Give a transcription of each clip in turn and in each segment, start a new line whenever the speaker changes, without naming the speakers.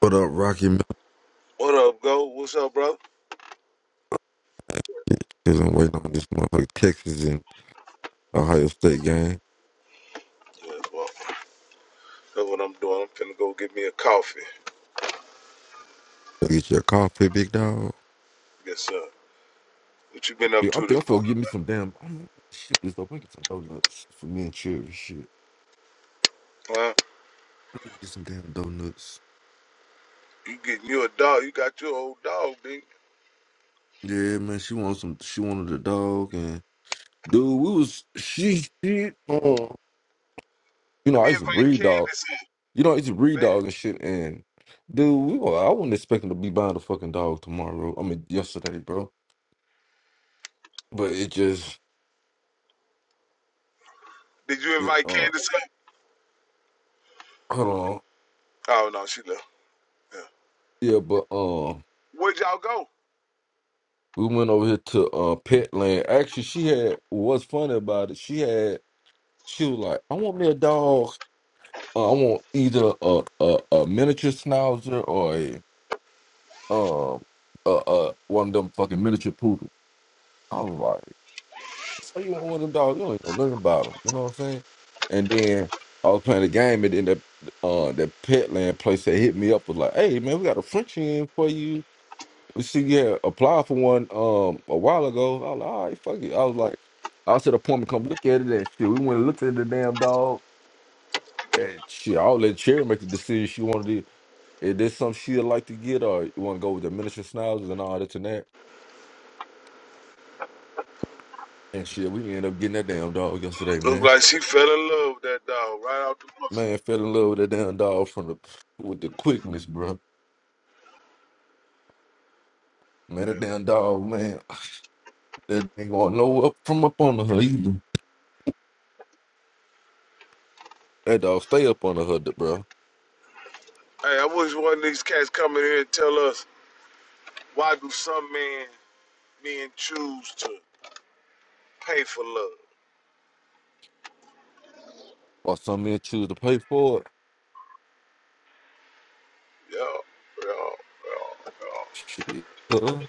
What up, Rocky Mountain?
What up, go? What's up, brother?
Cause I'm waiting on this motherfucker Texas and Ohio State game.
Yeah, well, that's what I'm doing. I'm finna go get me a coffee.
Go get your coffee, big dog.
Yes, sir. What you been
Yeah,
up to
I'm thinking
this
I'm gonna
morning?
give me some damn. I'm gonna ship this up. I get some donuts for me and Cherry. Shit,
Huh?
get some damn donuts.
You getting you a dog? You got your old dog, big.
Yeah, man. She wants some. She wanted a dog, and dude, we was she shit. Uh, you know,
Let me
I used to
invite
breed dog.
Candace in,
You know, I used to breed
babe.
dogs and shit. And dude, we were, I wasn't expecting to be buying a fucking dog tomorrow. I mean, yesterday, bro. But it just
Did you
it,
invite
uh,
Candace in?
hold on.
Oh no, she left. Yeah.
Yeah, but um,
Where'd y'all go?
we went over here to uh Petland. Actually, she had what's funny about it. She had she was like, I want me a dog. Uh, I want either a, a a miniature schnauzer or a um a, a one of them fucking miniature poodles. I was like, so you want one of them dogs? You ain't know nothing about them. You know what I'm saying? And then I was playing the game, and then that uh that Petland place that hit me up was like, hey man, we got a Frenchie in for you she yeah applied for one um a while ago. I was like, all right, fuck it. I was like, I was at appointment, come look at it and shit. We went and looked at the damn dog and shit. I'll let Cherry make the decision she wanted to. If there's something she'd like to get or you want to go with the miniature schnauzers and all that and that. And shit, we ended up getting that damn dog yesterday,
Look
man.
like she fell in love with that dog right out the bus.
Man, fell in love with that damn dog from the with the quickness, bro. Man, that
Yeah.
damn dog, man, that ain't going no up from up under her either. That dog stay up under her, bro.
Hey, I wish one of these cats come in here and tell us why do some men men choose to pay for love?
Or something choose to pay for it.
Yeah, yeah, yeah, yeah.
Shit. uh,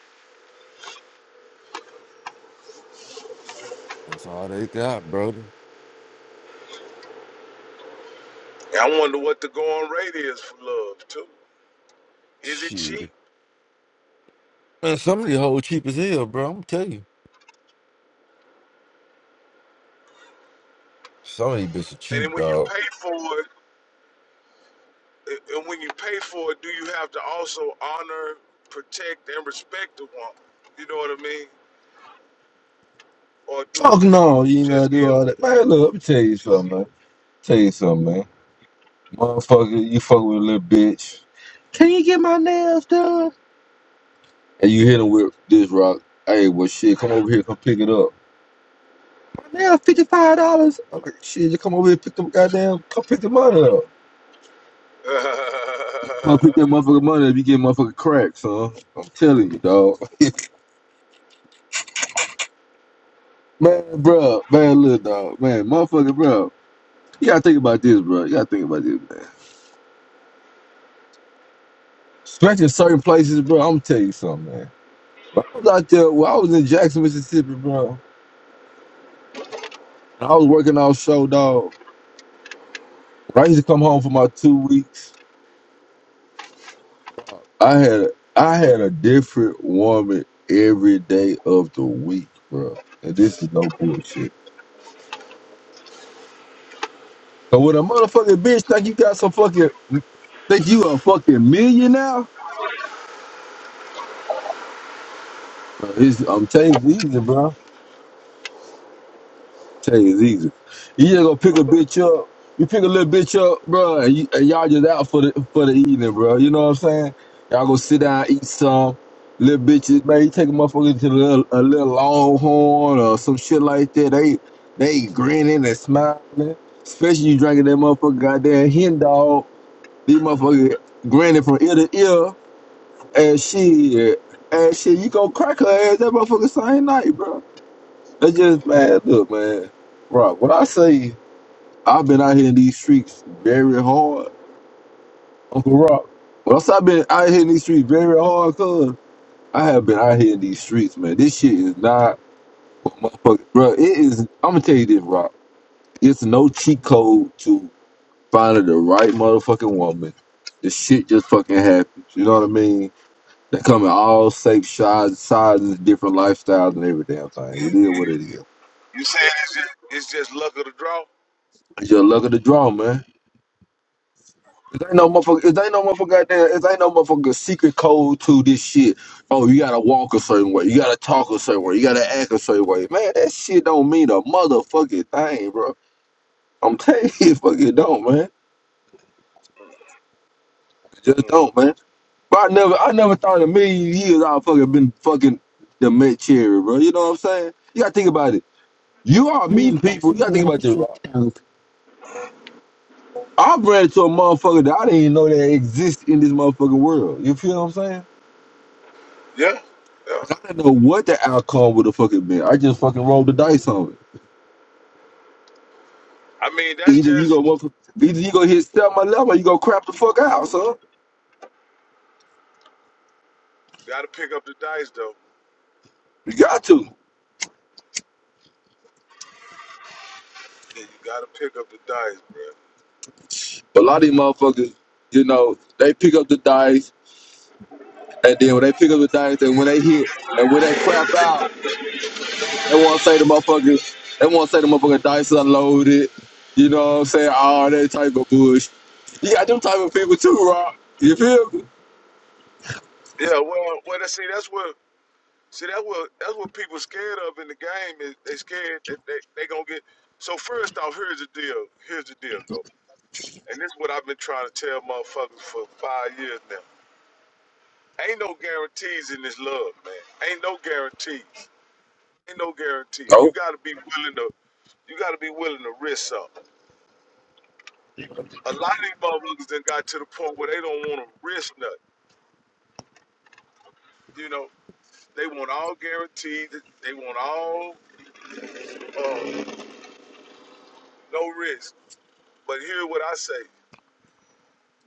That's all they got, brody.
I wonder what the going rate is for love too. Is it cheap?
Shit. Man, some of these hoes cheap as hell, bro. I'm tell you. Some of these bitches
And
cheap,
then when you
dog.
pay for it, and when you pay for it, do you have to also honor, protect, and respect the woman? You know what I mean? Or do
Fuck no, you ain't gonna
just
do
give?
all that. Man, look, let me tell you something, man. Tell you something, man. Motherfucker, you fuck with a little bitch. Can you get my nails done? And you hit him with this rock. Hey, well, shit, come over here, come pick it up. My nails, $55. I'm like, shit, you come over here, pick them goddamn, come pick the money up.
you
Come pick that motherfucking money up, you get motherfucking cracks, huh? I'm telling you, dog. Man, bro, man, little dog, man, motherfucker, bro. You gotta think about this, bro. You gotta think about this, man. Stretching certain places, bro. I'm gonna tell you something, man. When I was out there, when I was in Jackson, Mississippi, bro, and I was working off show, dog. When I used to come home for my two weeks, I had a, I had a different woman every day of the week, bro. And this is no bullshit. So when a motherfucking bitch think you got some fucking think you a fucking millionaire, bro, it's, I'm telling you, it's easy, bro. Tell you, it's easy. You just gonna pick a bitch up. You pick a little bitch up, bro, and, you, and y'all just out for the for the evening, bro. You know what I'm saying? Y'all go sit down, eat some. Little bitches, man, you take a motherfucker to a little, a little longhorn or some shit like that. They they grinning and smiling. Especially you drinking that motherfucker goddamn hen dog. These motherfuckers grinning from ear to ear. And shit, and shit, you gonna crack her ass that motherfucker same night, bro. That's just man, look, man. Rock, when I say I've been out here in these streets very hard, Uncle Rock. When I say I've been out here in these streets very hard, cuz I have been out here in these streets, man. This shit is not what motherfucker bro, it is I'm gonna tell you this, Rock. It's no cheat code to finding the right motherfucking woman. The shit just fucking happens. You know what I mean? They come in all safe sizes, sizes, different lifestyles and every damn thing. It is what it is.
saying it's just, it's just luck of the draw?
It's your luck of the draw, man. There ain't no motherfucker. There ain't no motherfucker. Goddamn, there ain't no motherfucker secret code to this shit. Oh, you gotta walk a certain way. You gotta talk a certain way. You gotta act a certain way. Man, that shit don't mean a motherfucking thing, bro. I'm telling you, it fucking don't, man. It just
Mm.
don't, man. But I never, I never thought in a million years I'd fucking been fucking the Met Cherry, bro. You know what I'm saying? You gotta think about it. You are meeting people. You gotta think about this. I ran into a motherfucker that I didn't even know that exists in this motherfucking world. You feel what I'm saying?
Yeah, yeah.
I didn't know what the outcome would have fucking been. I just fucking rolled the dice on
I mean
it.
that's
Either you
just
go motherf- either you go hit step my level or you go crap the fuck out, son.
you got to pick up the dice though.
You got to.
Yeah, You got to pick up the dice, bro.
A lot of these motherfuckers, you know, they pick up the dice and then when they pick up the dice and when they hit and when they crap out, they wanna say the motherfucker they wanna say the motherfucking dice unloaded. You know what I'm saying? All that type of bullshit. You got them type of people too, Rob. You feel me?
Yeah, well, well, see, that's where See, that's what that's what people scared of in the game is they scared that they they gonna get. So first off, here's the deal. Here's the deal, go. And this is what I've been trying to tell motherfuckers for five years now. Ain't no guarantees in this love, man. Ain't no guarantees. Ain't no guarantee. You
Nope.
gotta be willing to. You gotta be willing to risk something. A lot of these motherfuckers done got to the point where they don't want to risk nothing. You know, they want all guarantees. They want all uh, no risk. But here's what I say.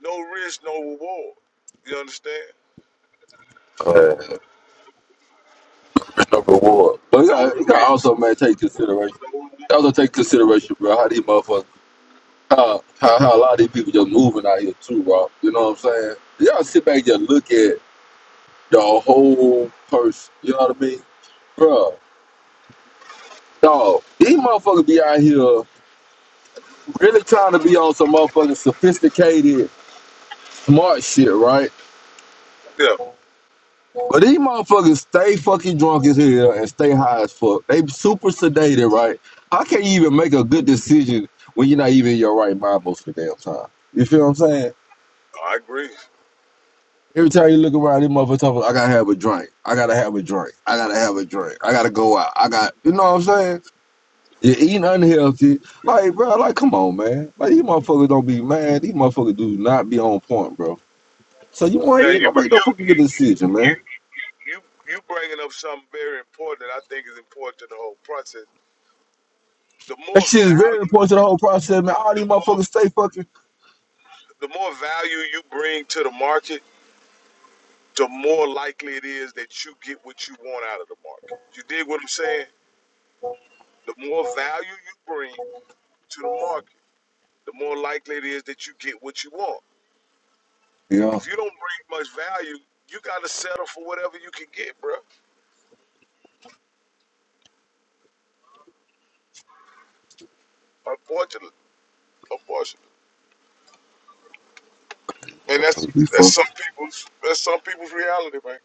No risk, no reward. You understand?
Uh, no reward. But yeah,
No
you gotta
risk,
also man take consideration.
no reward.
also take consideration, bro. How these motherfuckers, how, how how a lot of these people just moving out here too, bro. You know what I'm saying? Y'all sit back and just look at the whole person. You know what I mean, bro? Dog, these motherfuckers be out here really trying to be on some motherfucking sophisticated, smart shit, right?
Yeah,
But these motherfuckers stay fucking drunk as hell and stay high as fuck. They super sedated, right? How can you even make a good decision when you're not even in your right mind most of the damn time? You feel what I'm saying?
I agree.
Every time you look around, this motherfucker talking, I gotta have a drink. I gotta have a drink. I gotta have a drink. I gotta go out. I got, you know what I'm saying? You're eating unhealthy. Like, bro, like, come on, man. Like, these motherfuckers don't be mad. These motherfuckers do not be on point, bro. So you want,
Now
you
you
ain't gonna make no
you
fucking good
you
decision, man.
you you, you bringing up something very important that I think is important to the whole process. The
That
more
shit is very important
value,
to the whole process, man. All these
the more
motherfuckers stay fucking.
the more value you bring to the market, the more likely it is that you get what you want out of the market. You dig what I'm saying? The more value you bring to the market, the more likely it is that you get what you want.
Yeah,
If you don't bring much value, you got to settle for whatever you can get, bro. Unfortunately, unfortunately, and that's
we
that's
fuck.
some people's that's some people's reality, man.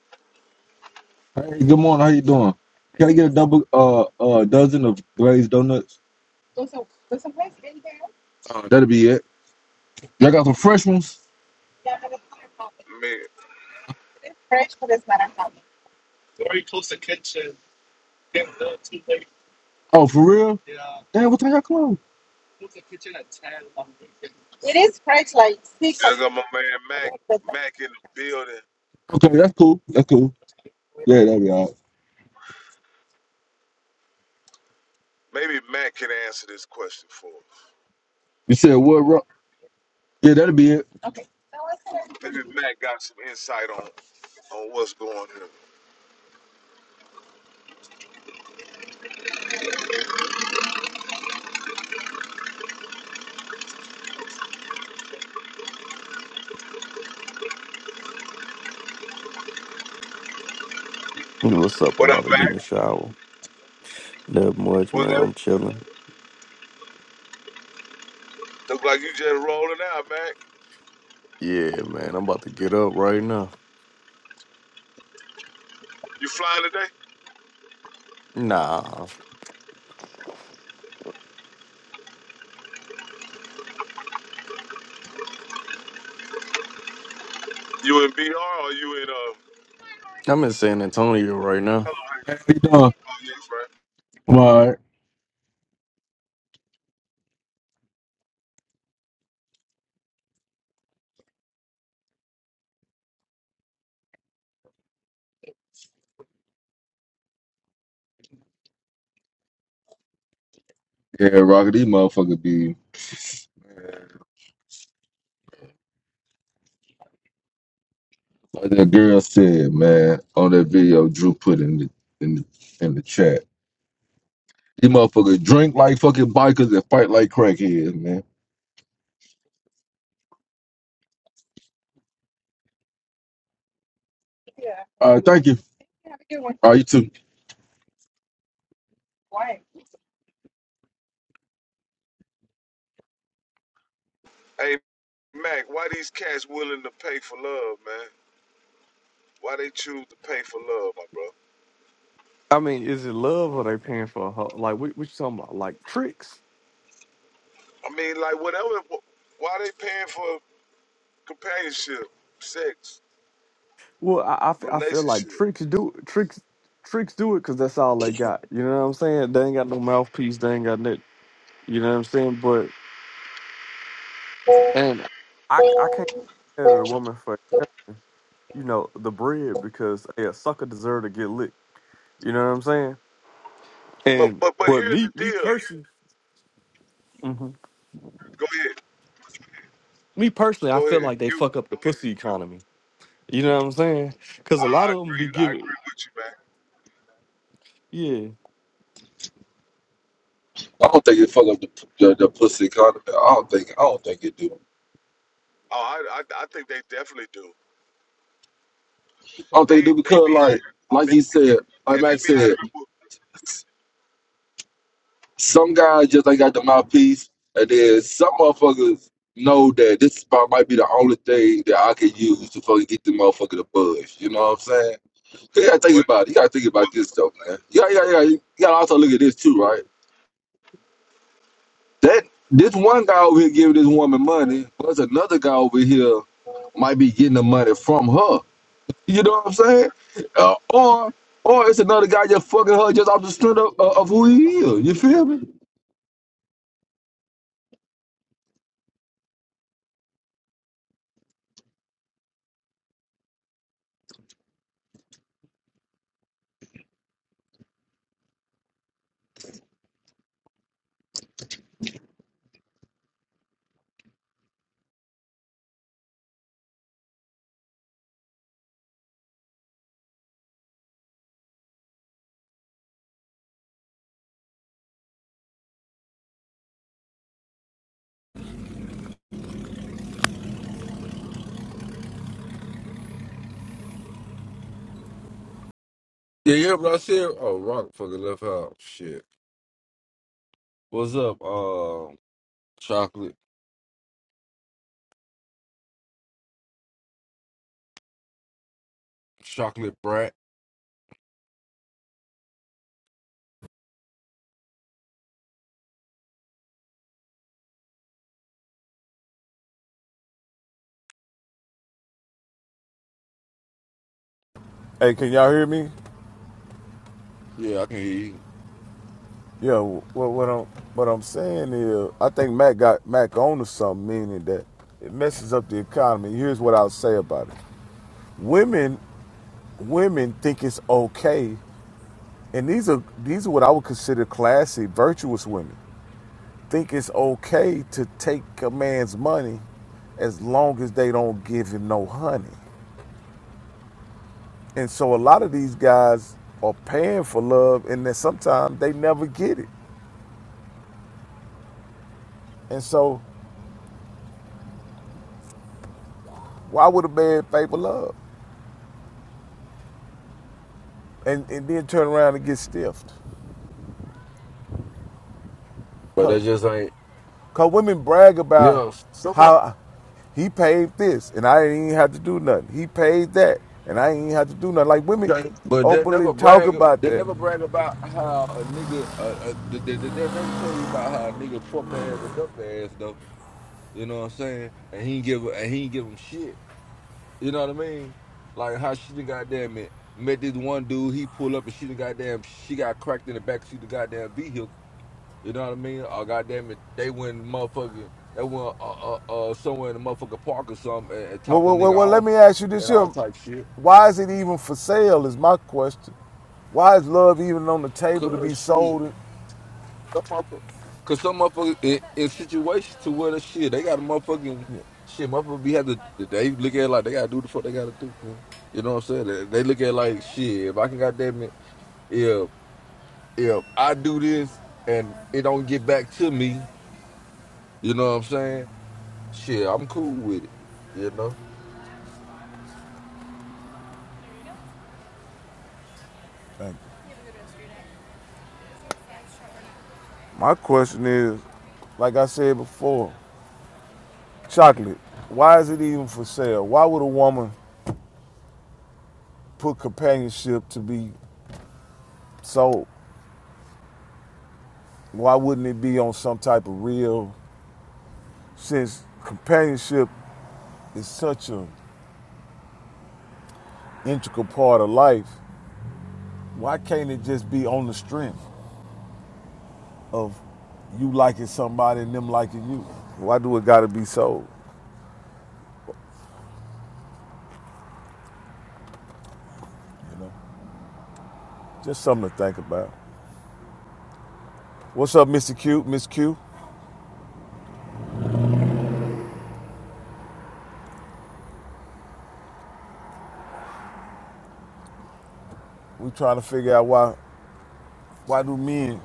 Hey, good morning. How you doing? Can I get a double, uh, uh, dozen of glazed donuts? Uh, that'll be it. Y'all got some fresh ones?
Man,
Oh, for real? Damn, what time y'all close?
I got my man Mac Mac in the building.
Okay, that's cool. That's cool. Yeah, that'll be all right.
Maybe Mac can answer this question for us.
You said what, Rock? Yeah, that'll be it.
Maybe Mac got some insight on on what's going on.
You know What's up? I'm
What up,
about to get in the
Mac?
shower. Not much,
What's
man.
that?
I'm chilling.
Look like you just rolling out, Mac.
Yeah, man. I'm about to get up right now.
You flying today?
Nah,
You in BR or you in uh?
I'm in San Antonio right now.
Hello, how you-
How you doing?
Oh, yes,
I'm all right. Yeah, Rocket, these motherfucker be like that girl said, man, on that video Drew put in the in the in the chat. These motherfuckers drink like fucking bikers and fight like crackheads, man. All right, thank you. All right, you too.
right. Hey, Mac, why these cats willing to pay for love, man? Why they choose to pay for love, my brother?
I mean, is it love or they paying for a ho- like what, what you talking about? Like tricks?
I mean, like whatever. Why they paying for companionship, sex,
Well, I, I, fe- I feel like
relationship?
tricks do tricks tricks do it because that's all they got. You know what I'm saying? They ain't got no mouthpiece. They ain't got nothing. You know what I'm saying? But and I I c- I can't get at a woman for you know the bread because hey, a sucker deserve to get licked. You know what I'm saying?
But
And
but but
but
here's the
me, me
deal.
personally, me
Go ahead,
personally, I
go
feel
ahead.
like they
You,
fuck up the pussy economy. You know what I'm saying? Because
I,
a lot
I
of them be
agree. I
giving,
agree with you, man.
yeah.
I don't think it fuck up the, the, the pussy economy. I don't think I don't think it do.
Oh, I, I I think they definitely do.
I don't
They
think it do
they
because
be
like like
they,
he said, like
and they
Max
be out
said,
here with
Some guys just ain't got the mouthpiece, and then some motherfuckers know that this spot might be the only thing that I can use to fucking get the motherfucker to buzz. You know what I'm saying? You gotta think
what
about it. You gotta think about
what
this stuff, man. Yeah, yeah, yeah. You gotta also look at this too, right? That this one guy over here giving this woman money, but another guy over here might be getting the money from her. You know what I'm saying? Uh, or or it's another guy just fucking her just off the strength of of who he is. You feel me? Yeah, yeah, but I said, oh, Rock fucking left out. Shit. What's up, um, chocolate, chocolate brat?
Hey, can y'all hear me?
Yeah, I can hear you,
Yeah. What what I'm what I'm saying is, I think Mac got Mac on to something, meaning that it messes up the economy. Here's what I'll say about it: Women women think it's okay and these are these are what i would consider classy virtuous women think it's okay to take a man's money as long as they don't give him no honey and so a lot of these guys are paying for love and then sometimes they never get it and so why would a man pay for love and, and then turn around and get stiffed
but that
Cause.
just ain't.
Cause women brag about
Yeah, someone.
how he paid this and I didn't even have to do nothing. He paid that and I didn't even have to do nothing. Like women
Okay, but they
openly
never
talk
brag.
about
They
that.
never brag about how a nigga. Uh, uh, they, they, they they'll never tell you about how a nigga fuck their ass or duck their ass though. You know what I'm saying? And he ain't give. And he ain't give him shit. You know what I mean? Like how she done goddamn it met this one dude. He pull up and she done goddamn. She got cracked in the backseat of the goddamn vehicle You know what I mean? Oh goddamn it, they went motherfucking they went uh, uh uh somewhere in the motherfucking park or something and, and
Well,
topped the
well, well,
nigga
well let
off
me ask you this
and all
here.
type shit.
Why is it even for sale is my question. Why is love even on the table to
Cause
be
shit,
sold?
some motherfucker, cause some motherfuckers in, in situations to where the shit they got a motherfucking shit. Motherfucker be had to they look at it like they gotta do the fuck they gotta do. Man. You know what I'm saying? They, they look at it like shit. If I can goddamn it, if if I do this and it don't get back to me, you know what I'm saying? Shit, I'm cool with it. You know.
And My question is, like I said before, chocolate. Why is it even for sale? Why would a woman put companionship to be sold? Why wouldn't it be on some type of real since companionship is such an integral part of life, why can't it just be on the strength of you liking somebody and them liking you? Why do it gotta be sold? You know? Just something to think about. What's up, Mr. Q, Miss Q? We trying to figure out why why do men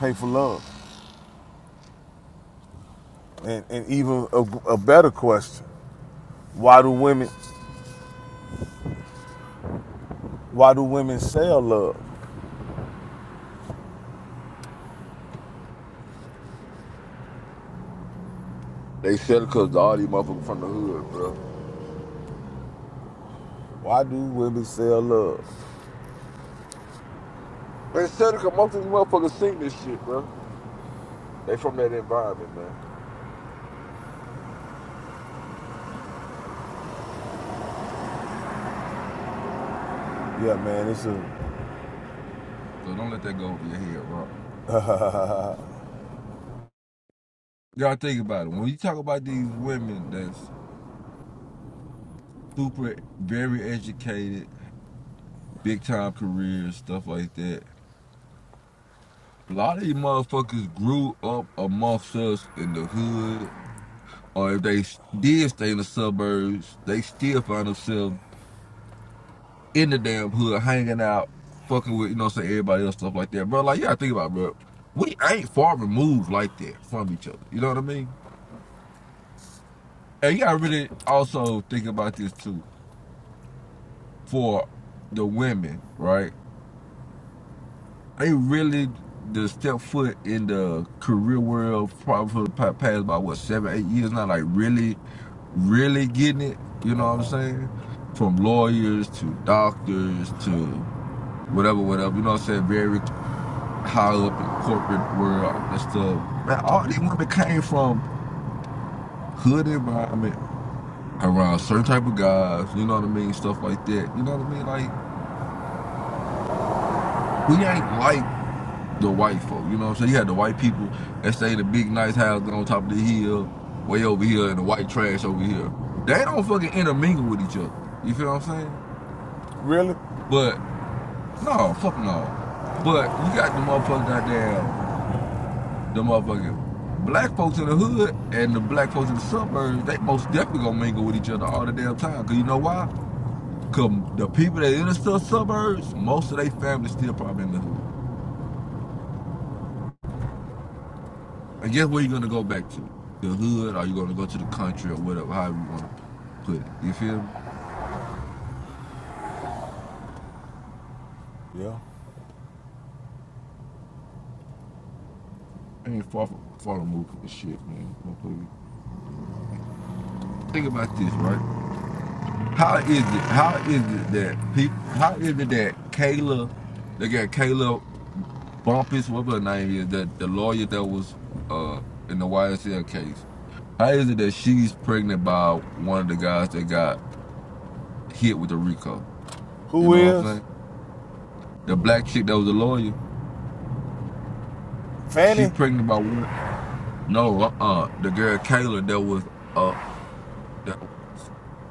pay for love? And and even a, a better question, why do women why do women sell love?
They said it cause all these motherfuckers from the hood, bro.
Why do women sell love?
They said it cause most of these motherfuckers seen this shit, bro. They from that environment, man.
Yeah, man, it's a
So don't let that go over your head, Rock. Y'all think about it. When you talk about these women that's super, very educated, big time careers, stuff like that, a lot of these motherfuckers grew up amongst us in the hood, or if they did stay in the suburbs, they still find themselves in the damn hood, hanging out, fucking with, you know, say everybody else, stuff like that, bro. Like, yeah, think about, it, bro. We ain't far removed like that from each other. You know what I mean? And you gotta really also think about this too. For the women, right? They really the step foot in the career world probably for the past about what seven, eight years now. Like really really getting it, you know what I'm saying? From lawyers to doctors to whatever, whatever, you know what I'm saying? Very. high up in the corporate world, all that stuff. Man, all these women came from hood environment around certain type of guys, you know what I mean? Stuff like that. You know what I mean? Like we ain't like the white folk, you know what I'm saying? You had the white people that stay in the big nice house on top of the hill, way over here, and the white trash over here. They don't fucking intermingle with each other. You feel what I'm saying?
really
But no, fuck no. But you got the motherfucker goddamn The motherfucking black folks in the hood and the black folks in the suburbs, they most definitely gonna mingle with each other all the damn time. Cause you know why? Cause the people that in the sub- suburbs, most of their families still probably in the hood. I guess where you gonna go back to? The hood, or you gonna go to the country or whatever, however you wanna put it. You feel me?
yeah.
I ain't far from far removed from the shit, man. Motherfucker. Think about this, right? How is it? How is it that people? How is it that Kayla? They got Kayla Bumpus, whatever her name is, that the lawyer that was uh in the YSL case. How is it that she's pregnant by one of the guys that got hit with the Rico? You
It
know what I'm
Is
saying? The black chick that was a lawyer, she
Fanny,
pregnant by one. No, uh, uh the girl Kayla that was uh that was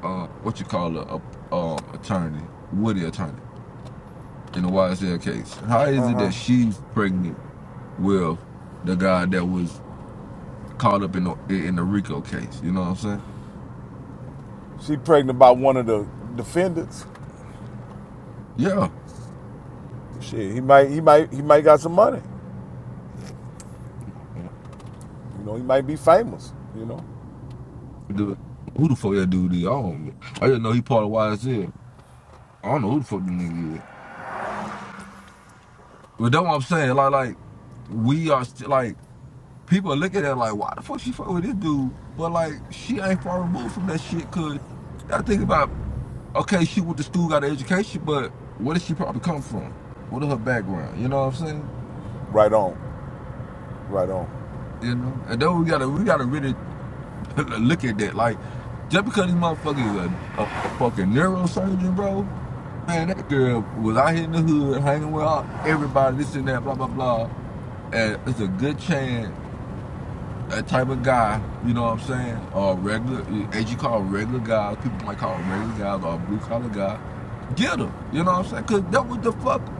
uh what you call her a um attorney, Woody attorney in the YSL case. How is it that she's pregnant with the guy that was caught up in the in the Rico case? You know what I'm saying?
she pregnant by one of the defendants.
Yeah.
Shit, he might, he might, he might got some money. You know, he might be famous. You know,
Dude, who the fuck that dude is? I don't. know. I just know he part of YSL. I don't know who the fuck them nigga is. But that's what I'm saying. Like, like we are still like people look at it like, why the fuck she fuck with this dude? But like, she ain't far removed from that shit. Cause I think about okay, she went to school, got an education, but where did she probably come from? What is her background? You know what I'm saying?
right on, right on.
You know, and then we gotta we gotta really look at that. Like, just because this motherfucker is a, a, a fucking neurosurgeon, bro Man, that girl was out here in the hood hanging with all, everybody, this and that, blah, blah, blah. And it's a good chance a type of guy, you know what I'm saying, or regular, as you call regular guys, people might call regular guys or blue collar guy, get her. You know what I'm saying? Because that was the fuck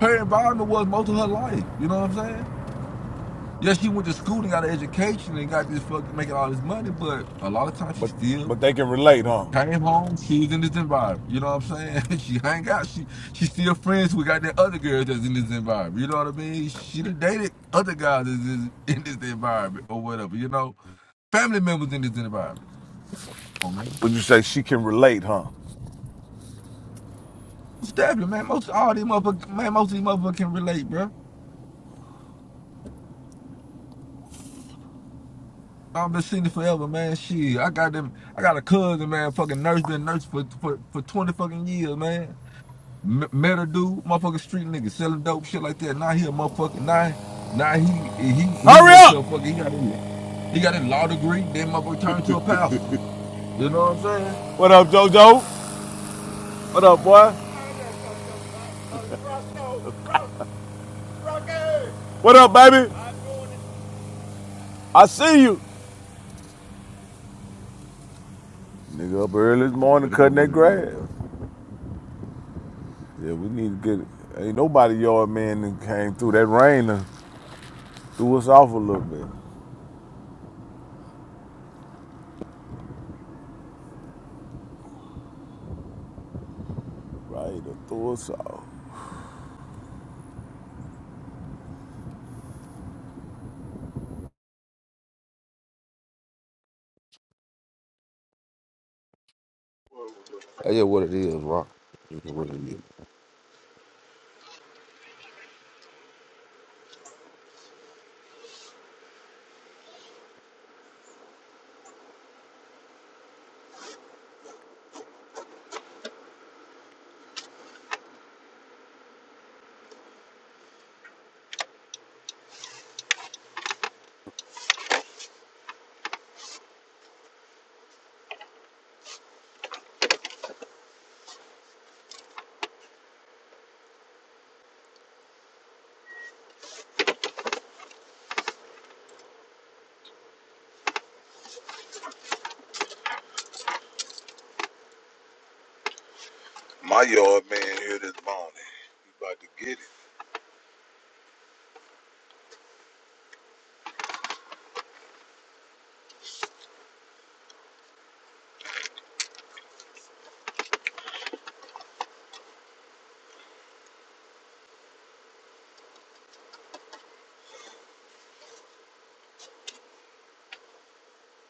her environment was most of her life. You know what I'm saying? Yeah, she went to school and got an education and got this fucking making all this money, but a lot of times she
But,
still
but they can relate, huh?
Came home, she was in this environment. You know what I'm saying? She hang out. She she still friends with goddamn other girls that's in this environment. You know what I mean? She done dated other guys that's in, in this environment or whatever. You know, family members in this environment. Come on, man.
Would you say she can relate, huh?
Stop it, man. Most all these motherfuckers, man. Most of these motherfuckers can relate, bro. I've been seeing it forever, man. Shit, I got them. I got a cousin, man. Fucking nurse, been nurse for for for twenty fucking years, man. M- met a dude, motherfucking street nigga, selling dope shit like that. Now he a motherfucking now, now he he he
Hurry
went
up!
to a fucking he got a he got a law degree, then motherfucker turned to a pastor. You know what I'm saying?
What up, JoJo? What up, boy? What up, baby? I see you. Nigga up early this
Yeah,
morning
that's just
cutting that
what it is,
grass.
Rocky.
Yeah, we need to get it. Ain't nobody yard man that came through that rain and threw us off a little bit. Right, threw us off.
That's just what it is, Rock. That's just what it is.
My yard man here this morning. He about to get it.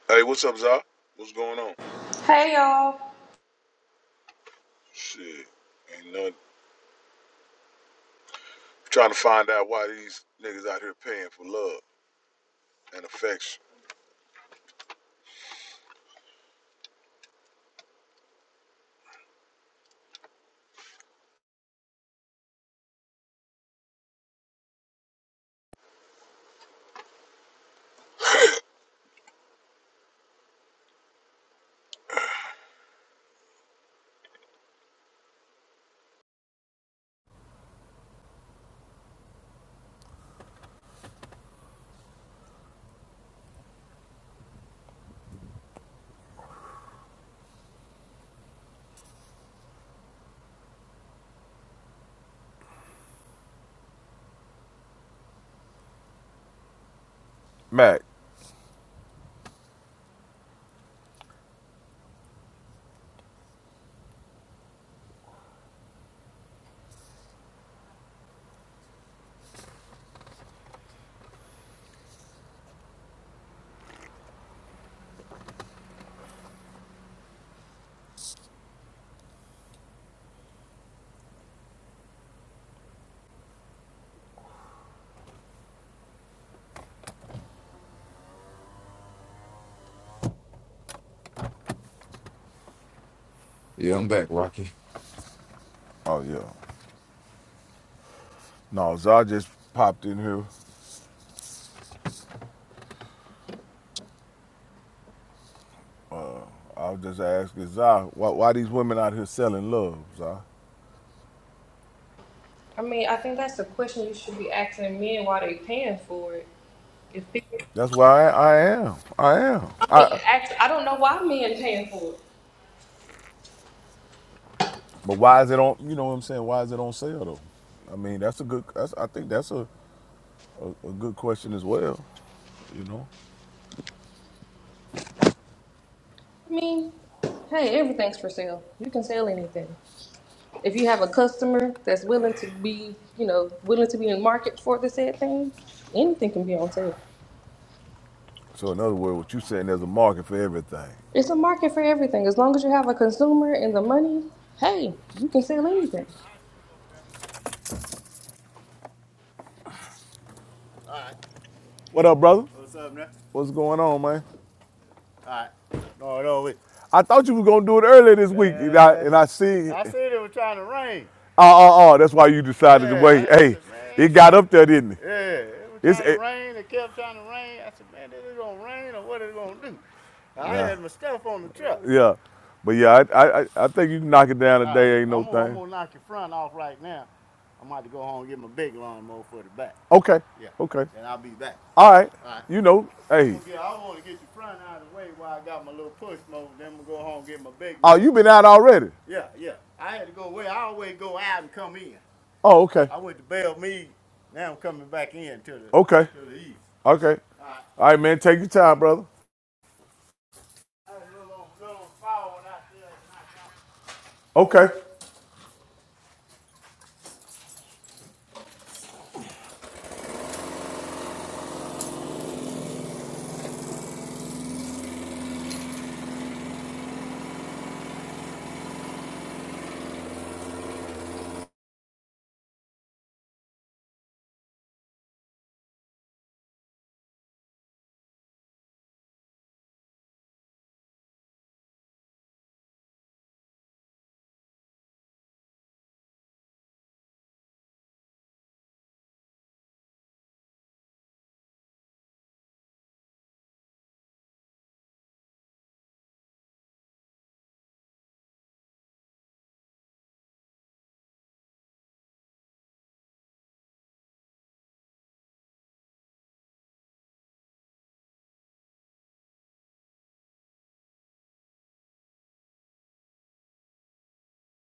Hey, what's up, Zah? What's going on?
Hey y'all.
Shit. Ain't nothing. Trying to find out why these niggas out here paying for love and affection. Mac.
Yeah, I'm back, Rocky.
Oh yeah. No, Zah just popped in here. I was just asking Zah, why, why these women out here selling love, Zah?
I mean, I think that's a question you should be asking men why they paying for it. If people
That's where I, I am. I am. I.
act, I don't know why men paying for it.
But why is it on? You know what I'm saying? Why is it on sale though? I mean, that's a good. That's, I think that's a, a, a good question as well. You know.
I mean, hey, everything's for sale. You can sell anything. If you have a customer that's willing to be, you know, willing to be in market for the said thing, anything can be on sale.
So in other words, what you saying, there's a market for everything.
It's a market for everything. As long as you have a consumer and the money, hey, you can sell anything.
What up, brother? What's up, man? What's going on, man? All right. No, no, wait. I thought you was gonna do it earlier this week, and I, and I see. I said it was trying to rain. Oh, oh, oh, that's why you decided yeah, to Yeah, wait. Hey, it got up there, didn't it? Yeah, it was It's- trying it- to rain. It kept trying to rain. I said, man, is it going to rain or what is it going to do? I Yeah. had my stuff on the truck. Yeah. But yeah, I, I, I- think you can knock it down today, Right. ain't no I'm, gonna- thing. I'm going to knock your front off right now. I'm about to go home and get my big lawnmower for the back. Okay. Yeah. Okay. And I'll be back. All right. All right. You know, hey. Yeah, I want to get the front out of the way while I got my little push mower. Then I'm gonna go home and get my big. mower. Oh, you been out already? Yeah, yeah. I had to go away. I always go out and come in. Oh, okay. I went to Bell Mead. Now I'm coming back in to the Okay. to the east. Okay. All right. All right, man. Take your time, brother. I had a little, little fall out there. Okay.